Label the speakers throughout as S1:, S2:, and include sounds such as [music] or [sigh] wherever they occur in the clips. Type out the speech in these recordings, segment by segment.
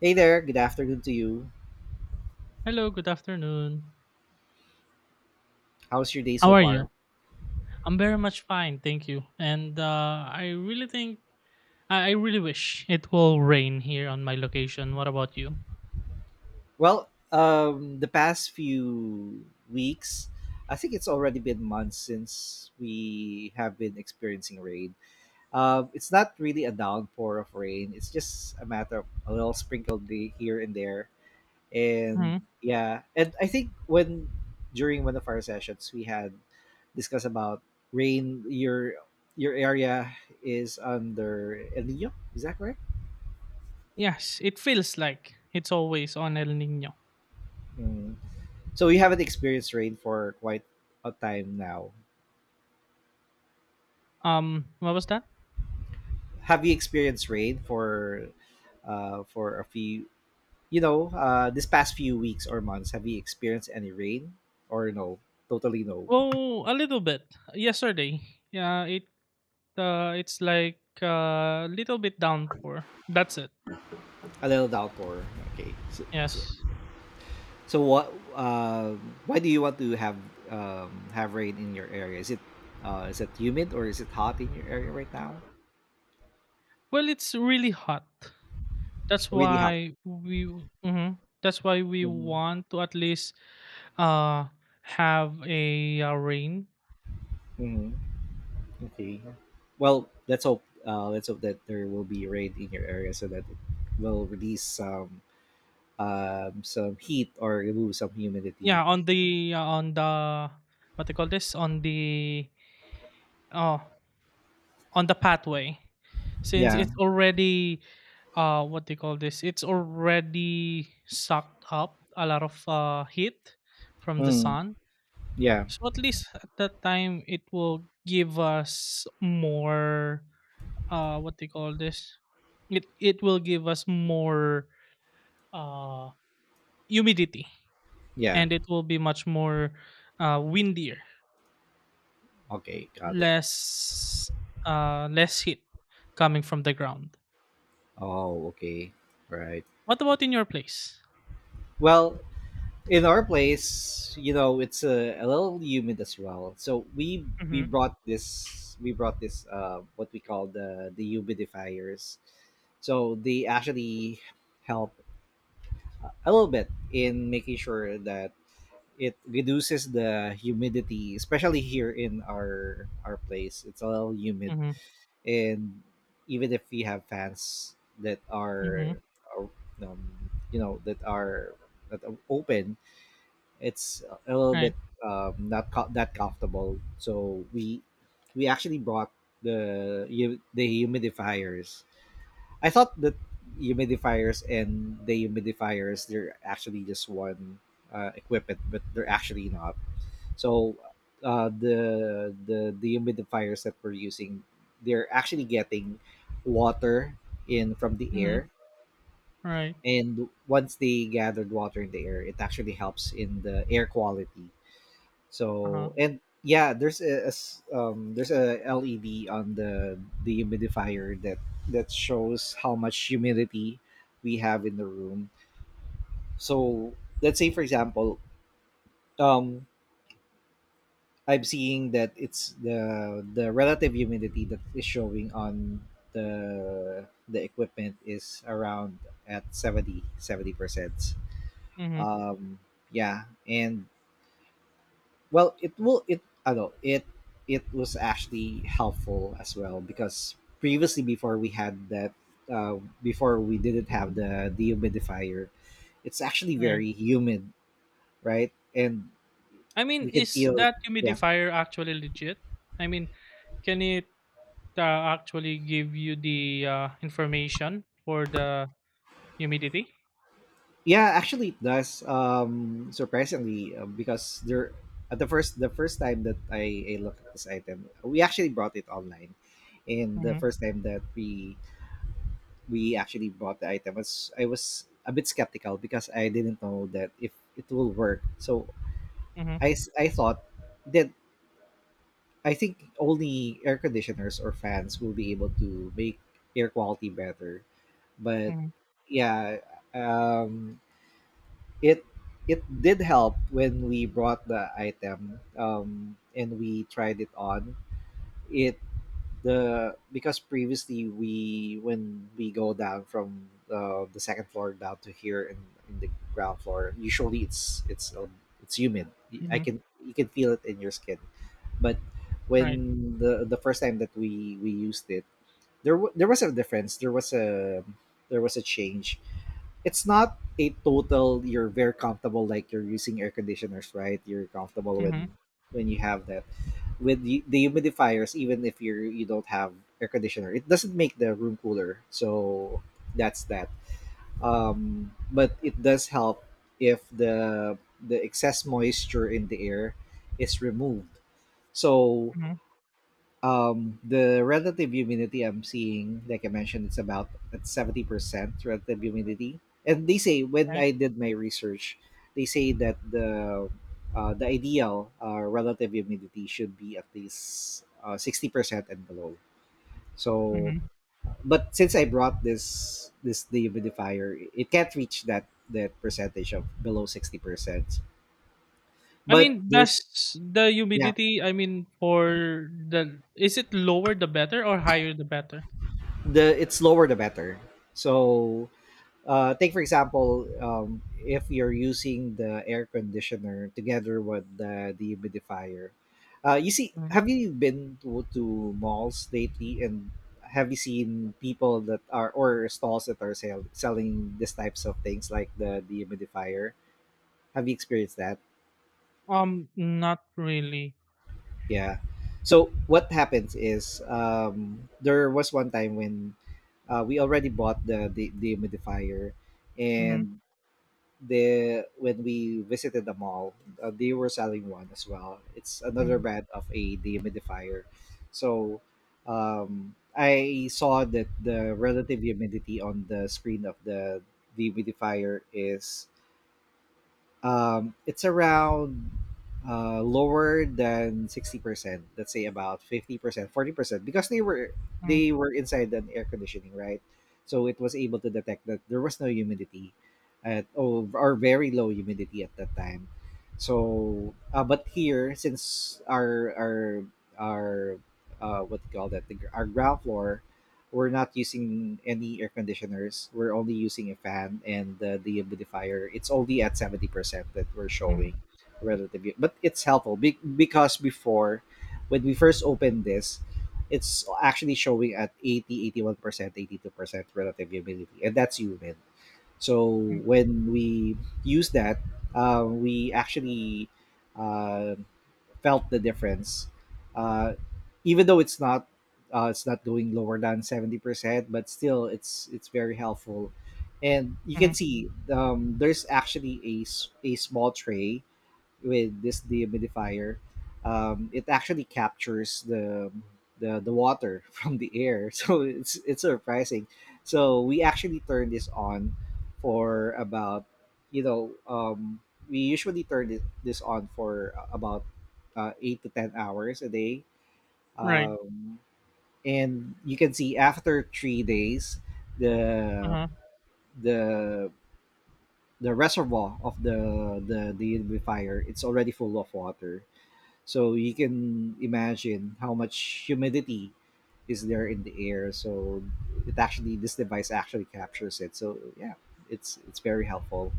S1: Hey there, good afternoon to you.
S2: Hello, good afternoon.
S1: How's your day
S2: How
S1: so
S2: are
S1: far?
S2: you? I'm very much fine, thank you. And I really think, I really wish it will rain here on my location. What about you?
S1: The past few weeks, I think it's already been months since we have been experiencing rain. It's not really a downpour of rain, it's just a matter of a little sprinkled day here and there.
S2: Hmm.
S1: And yeah, and I think when during one of our sessions, we had discussed about rain, your area is under El Nino, is that correct?
S2: Yes, it feels like it's always on El Nino.
S1: Mm. So you haven't experienced rain for quite a time now.
S2: What was that?
S1: Have you experienced rain for a few this past few weeks or months, have you experienced any rain? Or no? Totally no.
S2: Well, a little bit. Yesterday, yeah, it's like a little bit downpour. That's it.
S1: A little downpour. Okay. So so,
S2: Yes.
S1: so what why do you want to have rain in your area? Is it humid or is it hot in your area right now?
S2: Well, it's really hot. That's
S1: Really hot.
S2: why we. Mhm. That's why we
S1: Hmm.
S2: want to at least uh have a, rain.
S1: Okay. Well, let's hope. Let's hope that there will be rain in your area so that it will release some heat or remove some humidity.
S2: Yeah, on the what they call this oh on the pathway since
S1: Yeah.
S2: it's already what they call this it's already sucked up a lot of heat from the
S1: Mm,
S2: sun.
S1: yeah.
S2: So at least at that time, it will give us more. What they call this? It will give us more uh humidity,
S1: Yeah.
S2: and it will be much more windier,
S1: Okay. Got it.
S2: less less heat coming from the ground.
S1: Oh. Okay. Right.
S2: What about in your place?
S1: Well, in our place, you know, it's a little humid as well. So we
S2: Mm-hmm.
S1: brought this, we brought this what we call the humidifiers. So they actually help a little bit in making sure that it reduces the humidity, especially here in our place. It's a little humid,
S2: Mm-hmm.
S1: and even if we have fans that
S2: Mm-hmm.
S1: are that are that are open, it's a little bit
S2: Right.
S1: not co- that comfortable. So we actually brought the the humidifiers. I thought that humidifiers and the humidifiers they're actually just one equipment, but they're actually not. So the humidifiers that we're using, they're actually getting water in from the
S2: Mm-hmm.
S1: air,
S2: Right.
S1: and once they gathered water in the air, it actually helps in the air quality.
S2: Uh huh.
S1: There's there's a LED on the dehumidifier that that shows how much humidity we have in the room. So let's say for example, um, I'm seeing that it's the relative humidity that is showing on the equipment is around at seventy seventy%.
S2: Mm-hmm.
S1: Um, yeah. and Well, it will it I know it it was actually helpful as well because previously before we had that, before we didn't have the dehumidifier, it's actually
S2: Right.
S1: very humid, right? And
S2: I mean,
S1: we can
S2: is
S1: feel it.
S2: that
S1: Yeah,
S2: humidifier actually legit? I mean, can it actually give you the information for the humidity?
S1: yeah. Actually, it does. Surprisingly, because there at the first time that I looked at this item, we actually brought it online, and the
S2: Mm-hmm,
S1: first time that we actually bought the item was I was a bit skeptical because I didn't know that if it will work. So
S2: mm-hmm,
S1: I thought that I think only air conditioners or fans will be able to make air quality better. But
S2: mm-hmm,
S1: yeah, um, it it did help when we brought the item, and we tried it on. It the Because previously we when we go down from the second floor down to here in the ground floor, usually it's it's humid. Y- I
S2: mm-hmm,
S1: can You can feel it in your skin, but
S2: right.
S1: when the first time that we used it there there was a difference, there was a change. It's not a total you're very comfortable like you're using air conditioners, right, you're comfortable
S2: Mm-hmm,
S1: when you have that. With the humidifiers, even if you you don't have air conditioner, it doesn't make the room cooler, so that's that. But it does help if the the excess moisture in the air is removed. So
S2: mm-hmm,
S1: the relative humidity, I'm seeing like I mentioned, it's about at 70% relative humidity, and they say when
S2: right.
S1: I did my research, they say that the ideal relative humidity should be at least 60% and below. So
S2: Mm-hmm.
S1: but since I brought this this dehumidifier, it can't reach that that percentage of below 60%,
S2: I
S1: but
S2: mean,
S1: there's
S2: does the
S1: yeah,
S2: humidity, I mean, for the, is it lower the better or higher the better?
S1: the it's lower the better. So take for example, if you're using the air conditioner together with the dehumidifier, you see,
S2: Mm.
S1: have you been to malls lately, and have you seen people that are or stalls that are selling these types of things like the dehumidifier? Have you experienced that?
S2: Not really.
S1: Yeah. So what happens is, there was one time when, we already bought the dehumidifier,
S2: Mhm,
S1: and the when we visited the mall, they were selling one as well. It's another
S2: mhm,
S1: brand of a dehumidifier. So I saw that the relative humidity on the screen of the dehumidifier is, it's around, lower than 60%. Let's say about 50%, 40%, because
S2: mhm,
S1: they were inside an air conditioning, right? So it was able to detect that there was no humidity, at or very low humidity at that time. So, but here since our what do you call that, the, our ground floor, we're not using any air conditioners. We're only using a fan and the humidifier. It's only at 70% that we're
S2: mhm,
S1: showing relatively, but it's helpful because before, when we first opened this, it's actually showing at 80, 81% 82% relative humidity, and that's humid. So
S2: mhm,
S1: when we use that, we actually uh, felt the difference. Uh, Even though it's not, it's not going lower than 70%, but still it's very helpful. And you can
S2: mhm,
S1: see, there's actually a small tray with this dehumidifier, it actually captures the water [laughs] from the air. [laughs] So it's surprising. So we actually turn this on for about you know um, we usually turn this on for about 8 to 10 hours a day.
S2: right,
S1: Um, and you can see after 3 days the
S2: uh-huh.
S1: the the reservoir of the dehumidifier, it's already full of water, so you can imagine how much humidity is there in the air. So it actually, this device actually captures it. So yeah, it's very helpful.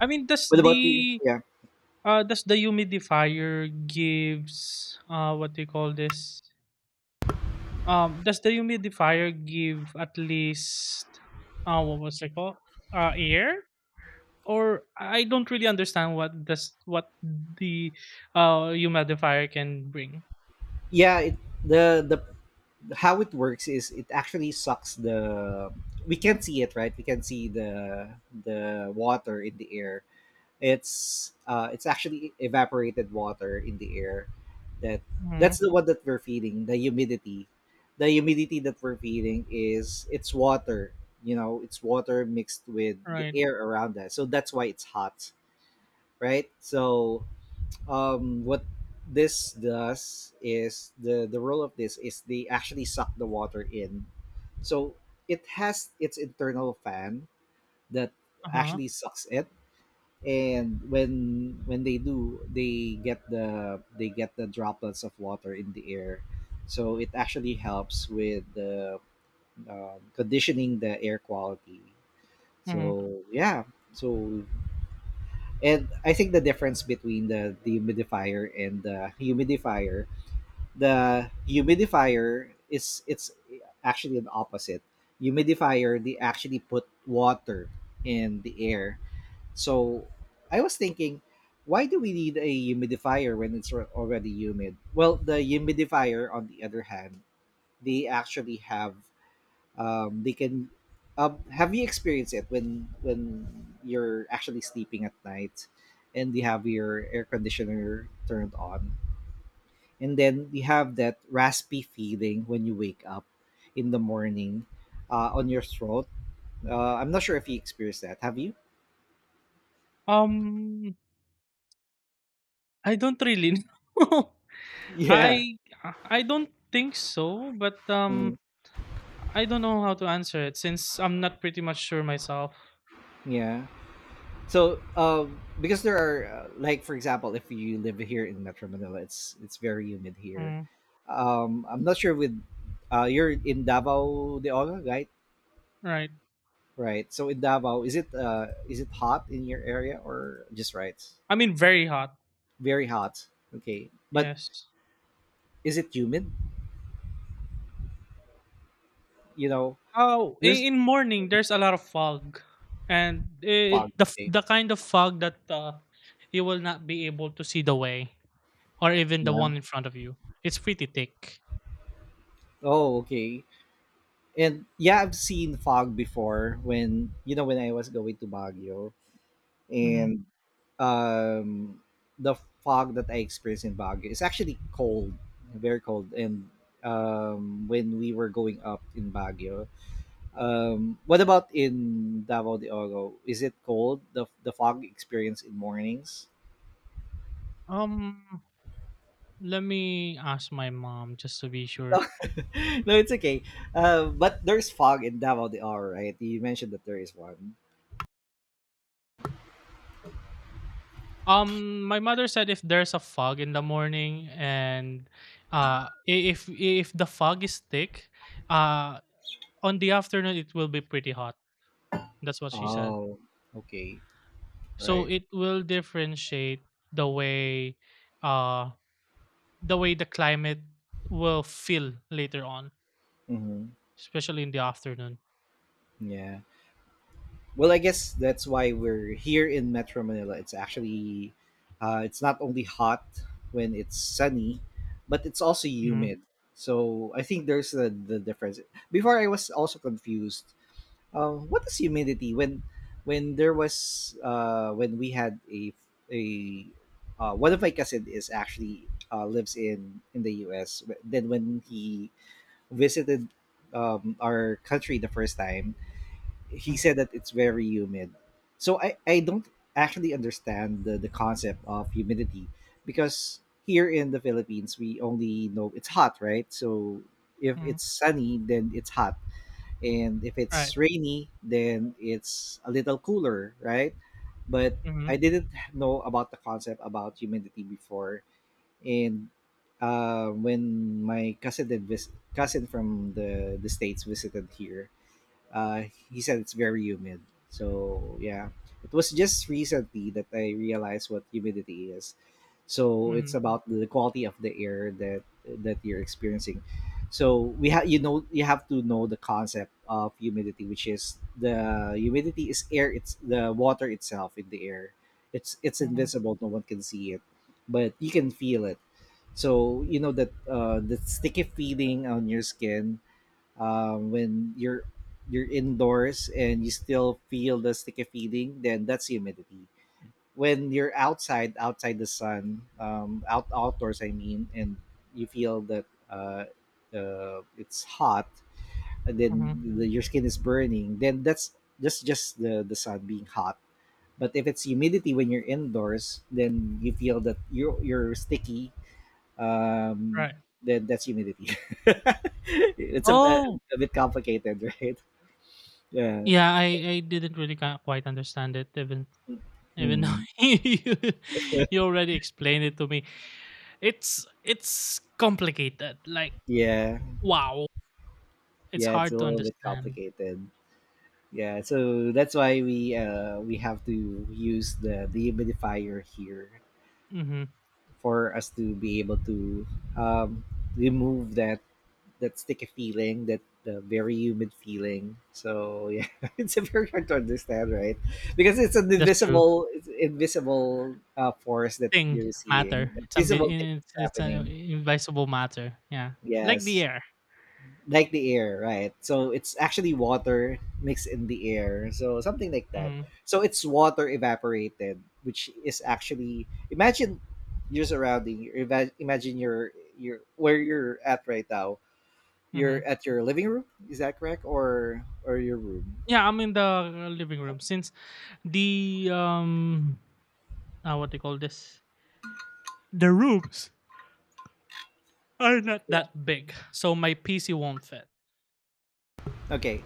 S2: I mean, does
S1: What about you?
S2: the,
S1: Yeah,
S2: uh, does the humidifier gives, what do you call this? Does the humidifier give at least, what was it called? Air? Or I don't really understand what does what the humidifier can bring.
S1: yeah. The how it works is it actually sucks the, we can't see it, right? We can see the water in the air. It's actually evaporated water in the air. That that's
S2: Hmm.
S1: the one that we're feeding. The humidity that we're feeding is it's water. You know, it's water mixed with the
S2: Right.
S1: air around us. So that's why it's hot, right? So what this does is the role of this is they actually suck the water in. So it has its internal fan that
S2: Uh-huh.
S1: actually sucks it, and when they do, they get the droplets of water in the air, so it actually helps with the conditioning the air quality.
S2: Hmm.
S1: So yeah. So and I think the difference between the dehumidifier and the humidifier, the humidifier is it's actually an opposite. Humidifier, they actually put water in the air. So I was thinking, why do we need a humidifier when it's already humid? Well, the humidifier, on the other hand, they actually have, they can. Have you experienced it when you're actually sleeping at night, and you have your air conditioner turned on, and then you have that raspy feeling when you wake up in the morning, on your throat? I'm not sure if you experienced that. Have you?
S2: Um, I don't really [laughs] know.
S1: Yeah.
S2: I I don't think so, but
S1: Mm,
S2: I don't know how to answer it since I'm not pretty much sure myself.
S1: yeah. So, because there are, like, for example, if you live here in Metro Manila, it's very humid here.
S2: Mm.
S1: I'm not sure with you're in Davao de Ola, right?
S2: Right.
S1: Right. So in Davao, is it hot in your area or just right?
S2: I mean very hot.
S1: Very hot. Okay, but
S2: Yes.
S1: is it humid? You know,
S2: Oh,
S1: there's
S2: in morning there's a lot of fog, and
S1: fog.
S2: it, the f-
S1: Okay.
S2: the kind of fog that you will not be able to see the way or even the
S1: Yeah.
S2: one in front of you. It's pretty thick.
S1: Oh, okay. And yeah, I've seen fog before, when, you know, when I was going to Baguio.
S2: hmm
S1: And um, the fog that I experienced in Baguio is actually cold, very cold. And when we were going up in Baguio, what about in Davao de Oro? Is it cold? The fog experience in mornings?
S2: Um let me ask my mom just to be
S1: [laughs]
S2: sure.
S1: No, it's okay. But there's fog in Davao de Oro, right? You mentioned that there is one.
S2: My mother said if there's a fog in the morning, and if the fog is thick, uh on the afternoon it will be pretty hot. That's what she said.
S1: Oh, okay,
S2: So
S1: right.
S2: it will differentiate the way uh the way the climate will feel later on,
S1: Mm-hmm.
S2: especially in the afternoon.
S1: Yeah. Well, I guess that's why we're here in Metro Manila. It's actually, it's not only hot when it's sunny, but it's also
S2: Mm-hmm,
S1: humid. So I think there's the difference. Before I was also confused. What is humidity? When there was, when we had a one of my cousin is actually, lives in the U.S. Then when he visited our country the first time, he
S2: mm-hmm,
S1: said that it's very humid. So I don't actually understand the concept of humidity because here in the Philippines we only know it's hot, right? So if
S2: Mm-hmm.
S1: it's sunny then it's hot. And if
S2: Right.
S1: it's rainy then it's a little cooler, right? But
S2: Mm-hmm,
S1: I didn't know about the concept about humidity before and when my cousin cousin from the states visited here uh, he said it's very humid. So yeah, it was just recently that I realized what humidity is. So
S2: mm-hmm,
S1: it's about the quality of the air that you're experiencing. So we have you know you have to know the concept of humidity, which is the humidity is air. It's the water itself in the air. It's
S2: mm-hmm,
S1: invisible. No one can see it, but you can feel it. So you know that the sticky feeling on your skin when you're indoors and you still feel the sticky feeling, then that's humidity. When you're outside, outside the sun, outdoors, I mean, and you feel that it's hot, and then
S2: Mm-hmm.
S1: your skin is burning, then that's just the sun being hot. But if it's humidity when you're indoors, then you feel that you're sticky um,
S2: Right.
S1: then that's humidity. [laughs] It's
S2: Oh,
S1: a bit complicated, [laughs] right? Yeah.
S2: yeah, I didn't really quite understand it even though
S1: Hmm.
S2: [laughs] you already explained it to me. It's complicated, like,
S1: Yeah.
S2: wow, it's
S1: Yeah, it's a
S2: hard to
S1: little bit
S2: understand.
S1: complicated. Yeah, so that's why we have to use the dehumidifier here
S2: Hmm.
S1: for us to be able to um remove that sticky feeling, that very humid feeling. So yeah, [laughs] it's very hard to understand, right? Because it's an
S2: That's true.
S1: invisible, it's invisible force that
S2: Thing,
S1: you're
S2: matter,
S1: seeing, a
S2: it's ambi-
S1: visible thing
S2: it's,
S1: that's
S2: it's an
S1: happening.
S2: invisible matter, yeah, like the
S1: Yes,
S2: air.
S1: like the air, right? So it's actually water mixed in the air, so something like that.
S2: Hmm.
S1: So it's water evaporated, which is actually imagine your surrounding. Imagine your where you're at right now you're
S2: Hmm.
S1: at your living room, is that correct, or your room?
S2: Yeah, I'm in the living room since the what they call this the rooms are not
S1: Yeah.
S2: that big, so my PC won't fit.
S1: Okay.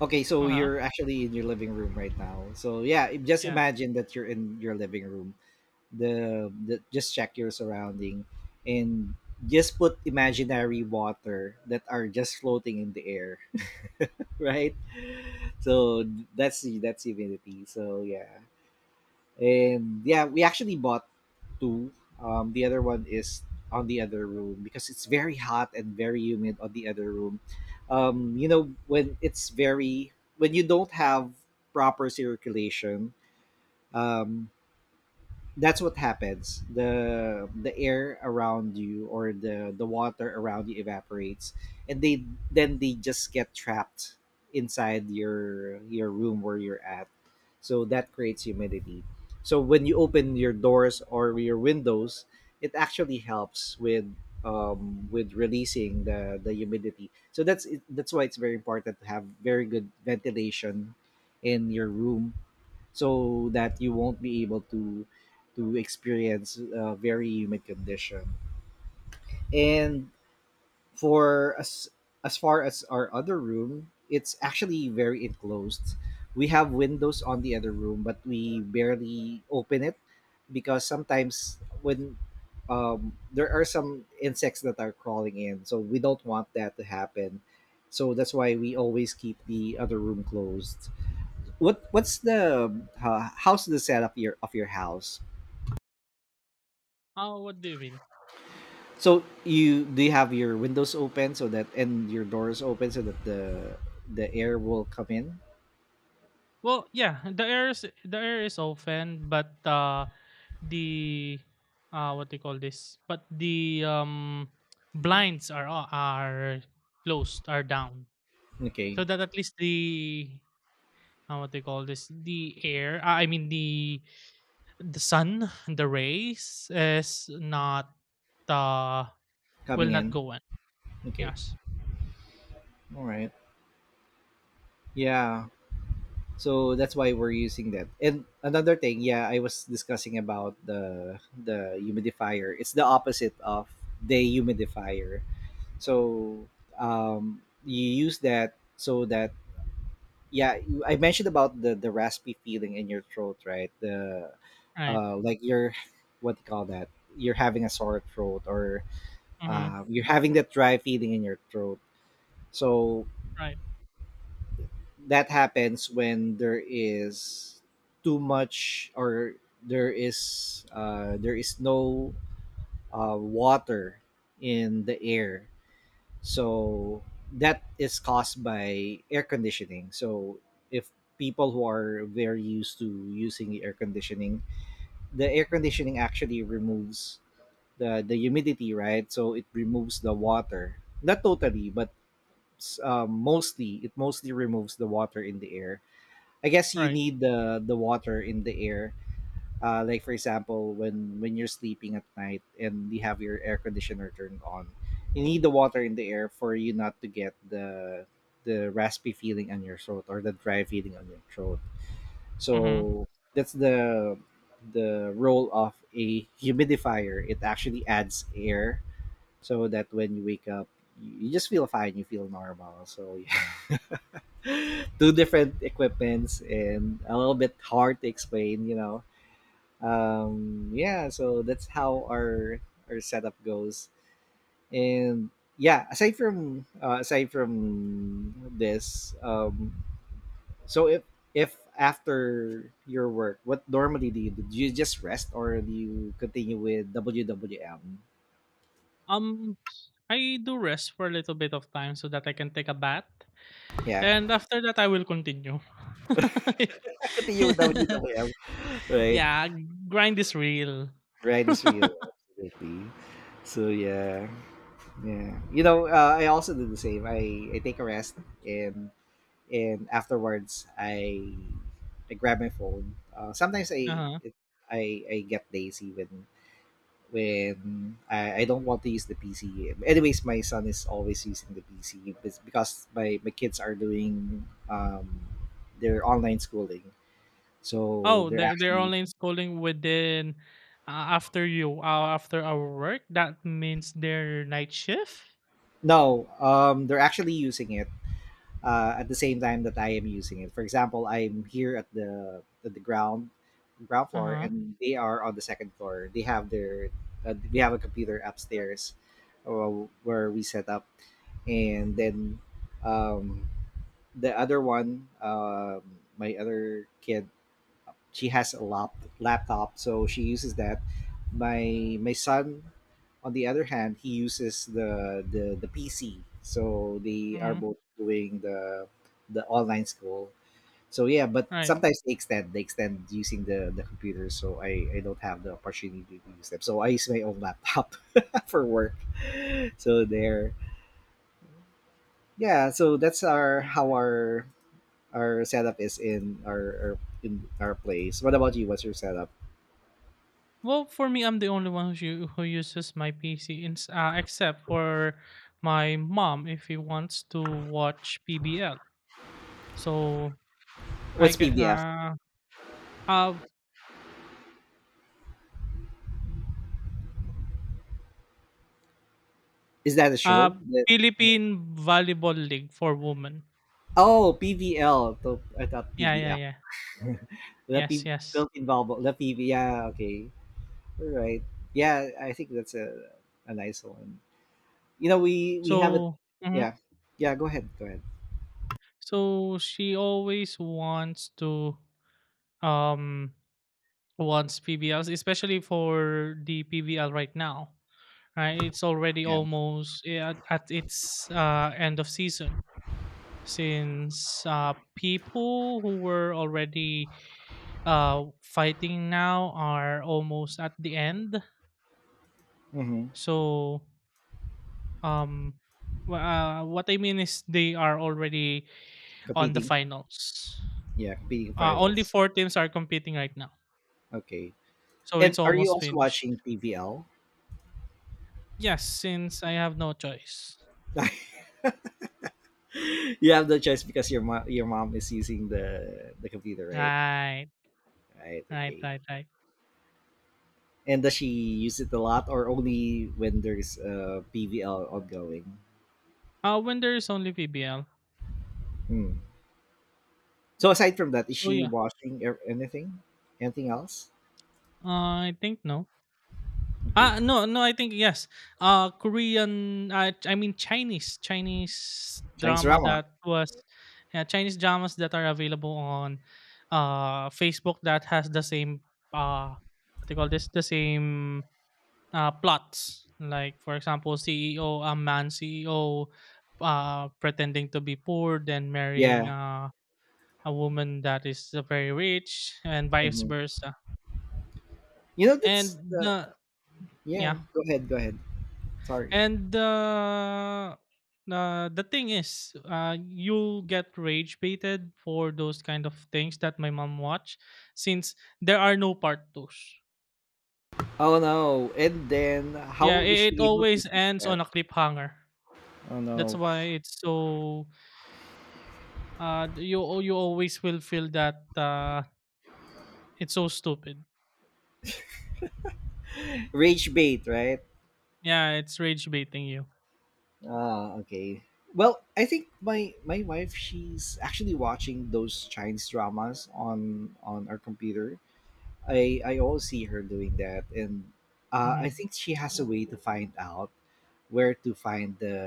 S1: Okay, so
S2: Uh-huh.
S1: you're actually in your living room right now. So yeah, just
S2: Yeah.
S1: imagine that you're in your living room. The Just check your surrounding, and just put imaginary water that are just floating in the air, [laughs] right? So that's the that's humidity. So yeah. And yeah we actually bought two, the other one is on the other room because it's very hot and very humid on the other room. You know when it's very when you don't have proper circulation, um that's what happens. The air around you or the water around you evaporates and they then they just get trapped inside your room where you're at. So that creates humidity. So when you open your doors or your windows, it actually helps with releasing the humidity. So that's why it's very important to have very good ventilation in your room so that you won't be able to experience a very humid condition, and for as far as our other room, it's actually very enclosed. We have windows on the other room but we barely open it because sometimes when there are some insects that are crawling in so we don't want that to happen. So that's why we always keep the other room closed. What what's the How's the setup your of your house?
S2: Oh, what do you mean?
S1: So you do you have your windows open so that and your doors open so that the air will come in?
S2: Well, yeah, the air is open, but the what do you call this? But the blinds are closed, are down,
S1: Okay.
S2: so that at least the what do you call this? The air, I mean the sun, the rays is not uh will
S1: Coming
S2: not
S1: in.
S2: go in.
S1: Okay,
S2: Yes.
S1: all right. Yeah, so that's why we're using that. And another thing, yeah, I was discussing about the humidifier, it's the opposite of the humidifier. So you use that so that yeah I mentioned about the raspy feeling in your throat, right? the
S2: Right.
S1: Like you're what do you call that, you're having a sore throat or
S2: Mm-hmm.
S1: you're having that dry feeling in your throat. So
S2: Right.
S1: that happens when there is too much or there is no water in the air. So that is caused by air conditioning. So if people who are very used to using air conditioning, the air
S2: Mm-hmm.
S1: conditioning actually removes the humidity, right? So it removes the water. Not totally, but mostly it mostly removes the water in the air. I guess you
S2: Right.
S1: need the water in the air like for example when you're sleeping at night and you have your air conditioner turned on, you need the water in the air for you not to get the raspy feeling on your throat or the dry feeling on your throat.
S2: Mm-hmm.
S1: So that's the role of a humidifier, it actually adds air so that when you wake up you just feel fine, you feel normal. So [laughs] two different equipments and a little bit hard to explain, you know. Yeah, so that's how our setup goes. And yeah, aside from this, so if after your work, what normally do you do? Do you just rest or do you continue with wwm?
S2: Um, I do rest for a little bit of time so that I can take a bath,
S1: Yeah.
S2: and after that I will continue. [laughs]
S1: [laughs] Continue with wwm, right.
S2: Yeah, grind is real.
S1: Right is real, absolutely. So yeah. Yeah, you know, I also do the same. I take a rest and and afterwards I grab my phone. Sometimes
S2: Uh-huh.
S1: I get lazy when I don't want to use the PC. Anyways, my son is always using the PC because my kids are doing their online schooling, so
S2: Oh,
S1: they're
S2: they're
S1: actually
S2: online schooling within, after you, after our work. That means their night shift.
S1: no, they're actually using it at the same time that I am using it. For example, I'm here at the ground
S2: Uh
S1: floor,
S2: huh.
S1: and they are on the second floor. They have their we have a computer upstairs where we set up, and then um, the other one, my other kid, she has a laptop, so she uses that. My son, on the other hand, he uses the PC. So they are
S2: Hmm.
S1: both doing the online school. So yeah, but
S2: Right.
S1: sometimes they extend using the computer. So I don't have the opportunity to use them. So I use my own laptop [laughs] for work. So there, yeah. So that's our how our setup is in our in our place. What about you? What's your setup?
S2: Well, for me, I'm the only one who who uses my PC, except for my mom if he wants to watch PBL. So I
S1: What's PBF?
S2: uh,
S1: Is that a
S2: uh,
S1: show? That,
S2: Philippine Volleyball League for women.
S1: oh, PVL. So, I thought
S2: Yeah, yeah,
S1: PBF.
S2: yeah.
S1: The
S2: Yes,
S1: P,
S2: yes.
S1: built involved. The PV. Yeah, okay. All right. Yeah, I think that's a nice one. You know, we have a
S2: So, mhm.
S1: yeah, yeah. Go ahead. Go ahead.
S2: So she always um wants PBLs, especially for the PBL right now. Right, it's already
S1: Yeah.
S2: almost, yeah, at its end of season since people who were already fighting now are almost at the end.
S1: Mm-hmm.
S2: So, um, what I mean is they are already on the
S1: Competing.
S2: finals.
S1: Yeah, competing
S2: Only
S1: finals.
S2: four teams are competing right now,
S1: Okay.
S2: so
S1: And
S2: it's
S1: are you
S2: almost
S1: also
S2: finished.
S1: watching PVL?
S2: Yes, since I have no choice.
S1: [laughs] You have no choice because your mom is using the computer, right?
S2: Right,
S1: Right.
S2: right,
S1: Okay.
S2: right, right.
S1: And does she use it a lot or only when there's PVL ongoing?
S2: When there is only PBL.
S1: Hmm. So aside from that, is
S2: So
S1: she
S2: yeah,
S1: watching anything? Anything else?
S2: uh, I think no.
S1: Okay.
S2: Ah, no, no, I think yes. Korean, I mean Chinese
S1: Chinese
S2: drama
S1: drama.
S2: that was. Yeah, Chinese dramas that are available on Facebook that has the same what do you call this the same plots. Like for example, CEO, a man CEO, pretending to be poor then marrying
S1: Yeah.
S2: a woman that is very rich and vice
S1: Mhm.
S2: versa.
S1: You know, that's
S2: And
S1: the.
S2: the,
S1: Yeah.
S2: yeah.
S1: Go ahead. Go ahead. Sorry.
S2: And the thing is, you'll get rage baited for those kind of things that my mom watch, since there are no part twos.
S1: Oh no. And then
S2: Yeah,
S1: how is
S2: it
S1: she able to
S2: always
S1: fix
S2: ends
S1: that?
S2: on a cliffhanger.
S1: Oh
S2: That's
S1: no.
S2: why it's so. You always will feel that it's so stupid.
S1: Rage bait, right?
S2: Yeah, it's rage baiting you.
S1: Ah, okay. Well, I think my my wife, she's actually watching those Chinese dramas on our computer. I always see her doing that, and
S2: Mm-hmm.
S1: I think she has a way to find out where to find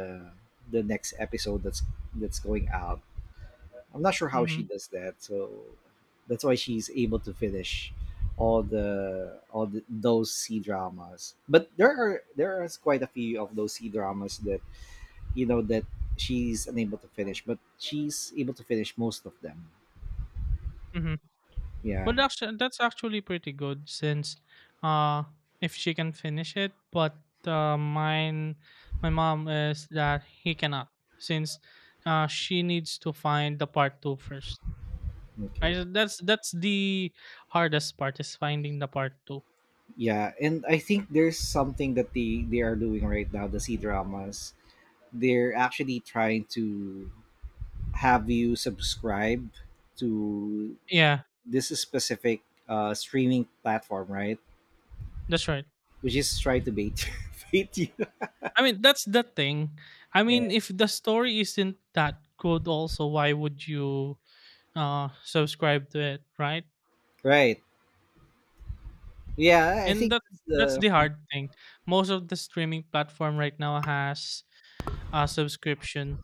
S1: the next episode that's going out. I'm not sure how
S2: Mm-hmm.
S1: she does that, so that's why she's able to finish all the those C dramas. But there are quite a few of those C dramas that you know that she's unable to finish, but she's able to finish most of them.
S2: Mm-hmm.
S1: Yeah.
S2: Well, actually, that's actually pretty good since, uh, if she can finish it, but, mine, my mom is that he cannot since, she needs to find the part two first.
S1: Okay.
S2: I, that's the hardest part is finding the part two.
S1: Yeah, and I think there's something that they are doing right now, the C dramas. They're actually trying to have you subscribe to
S2: Yeah,
S1: this specific streaming platform, right?
S2: that's right.
S1: Which is try to bait [laughs] bait you.
S2: I mean, that's the thing. I
S1: Yeah,
S2: mean, if the story isn't that good, also, why would you subscribe to it, right?
S1: right. Yeah, I
S2: And
S1: think
S2: that
S1: that's
S2: that's
S1: the
S2: the hard thing. Most of the streaming platform right now has a subscription,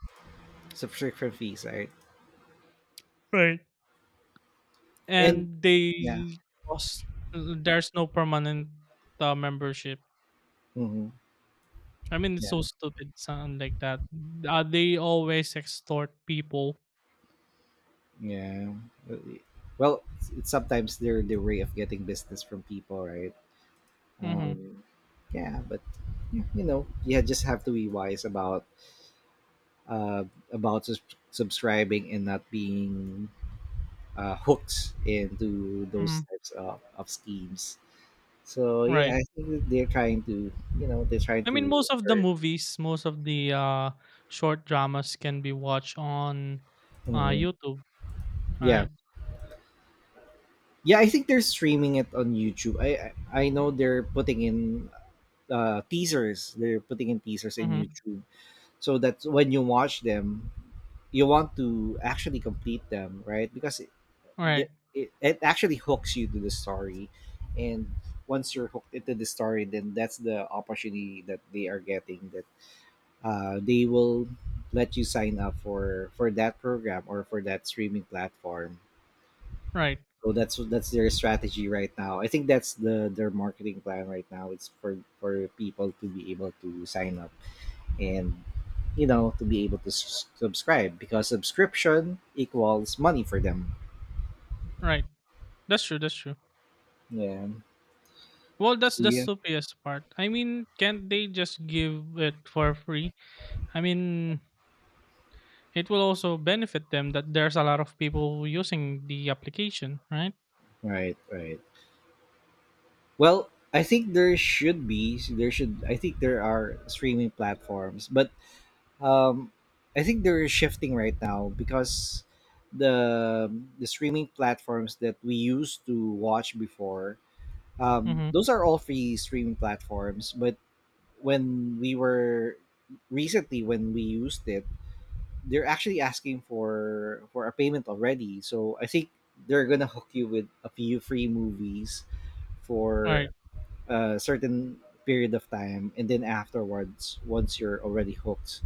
S1: subscription fees, right?
S2: right?
S1: And
S2: And
S1: yeah,
S2: they cost, there's no permanent, membership.
S1: hmm,
S2: I mean, it's
S1: yeah,
S2: so stupid, something like that. They always extort people.
S1: yeah. Well, it's sometimes they're the way of getting business from people, right?
S2: Mm-hmm.
S1: Um, yeah, but yeah, you know, you just have to be wise uh, about subscribing and not being hooked into
S2: Mm-hmm.
S1: those types of schemes. So yeah,
S2: Right.
S1: I think that they're trying to, you know, they're trying
S2: I mean,
S1: to
S2: most of the
S1: hurt.
S2: movies, most of the, short dramas can be watched on,
S1: Mhm.
S2: YouTube. All
S1: Yeah,
S2: right.
S1: yeah, I think they're streaming it on YouTube. I know they're putting in teasers. They're putting in teasers in
S2: Mm-hmm.
S1: YouTube so that when you watch them, you want to actually complete them, right? Because the,
S2: Right.
S1: it actually hooks you to the story, and once you're hooked into the story then that's the opportunity that they are getting that they will let you sign up for that program or for that streaming platform.
S2: Right.
S1: So that's their strategy right now. I think that's the their marketing plan right now, it's for people to be able to sign up and you know to be able to subscribe, because subscription equals money for them.
S2: Right. That's true. That's true.
S1: Yeah.
S2: Well,
S1: So
S2: that's the
S1: yeah,
S2: stupidest part. I mean, can't they just give it for free? I mean, it will also benefit them that there's a lot of people using the application, right?
S1: right, right. Well, I think there should be there should I think there are streaming platforms, but um, I think they're shifting right now because the the streaming platforms that we used to watch before,
S2: Mm-hmm.
S1: those are all free streaming platforms. But when we were recently when we used it, they're actually asking for a payment already. So I think they're gonna [laughs] hook you with a few free movies
S2: Right,
S1: for a certain period of time, and then afterwards once you're already hooked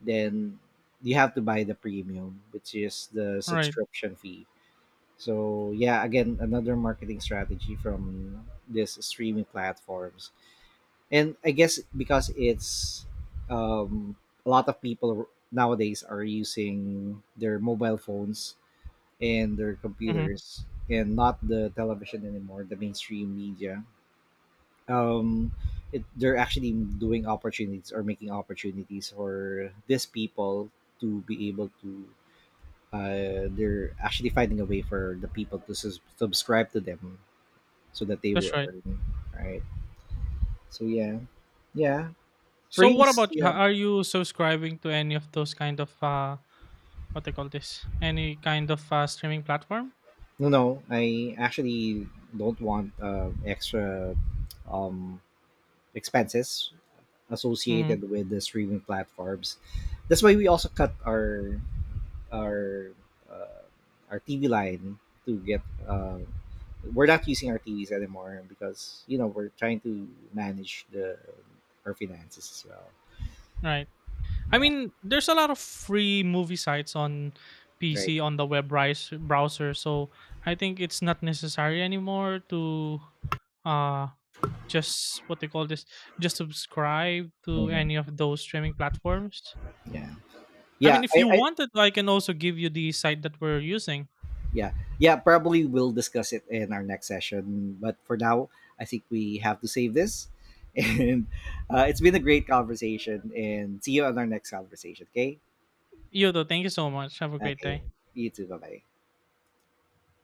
S1: then you have to buy the premium, which is the
S2: right.
S1: subscription fee. So yeah, again another marketing strategy from this streaming platforms. And I guess because it's um, a lot of people nowadays are using their mobile phones and their
S2: Mm-hmm.
S1: computers and not the television anymore, the mainstream media, um they're actually doing opportunities or making opportunities for these people to be able to they're actually finding a way for the people to subscribe to them so that they
S2: That's
S1: will
S2: right.
S1: earn, right? So yeah, yeah,
S2: So, what
S1: freeze,
S2: about you?
S1: yeah.
S2: Are you subscribing to any of those kind of, what they call this? Any kind of, streaming platform?
S1: No, no, I actually don't want extra um expenses
S2: Mm-hmm.
S1: associated with the streaming platforms. That's why we also cut our uh, our TV line to get. We're not using our TVs anymore because you know we're trying to manage the our finances as well.
S2: Right. I
S1: Yeah,
S2: mean, there's a lot of free movie sites on
S1: right.
S2: PC on the web, browser, so I think it's not necessary anymore to uh just what they call this just subscribe to
S1: Hmm.
S2: any of those streaming platforms.
S1: Yeah,
S2: I
S1: yeah,
S2: mean, if you wanted, I can also give you the site that we're using.
S1: yeah, yeah. Probably we'll discuss it in our next session. But for now, I think we have to save this. [laughs] And it's been a great conversation. And see you on our next conversation. Okay.
S2: Yodo, thank you so much. Have a great
S1: Okay.
S2: day.
S1: You too. Bye bye.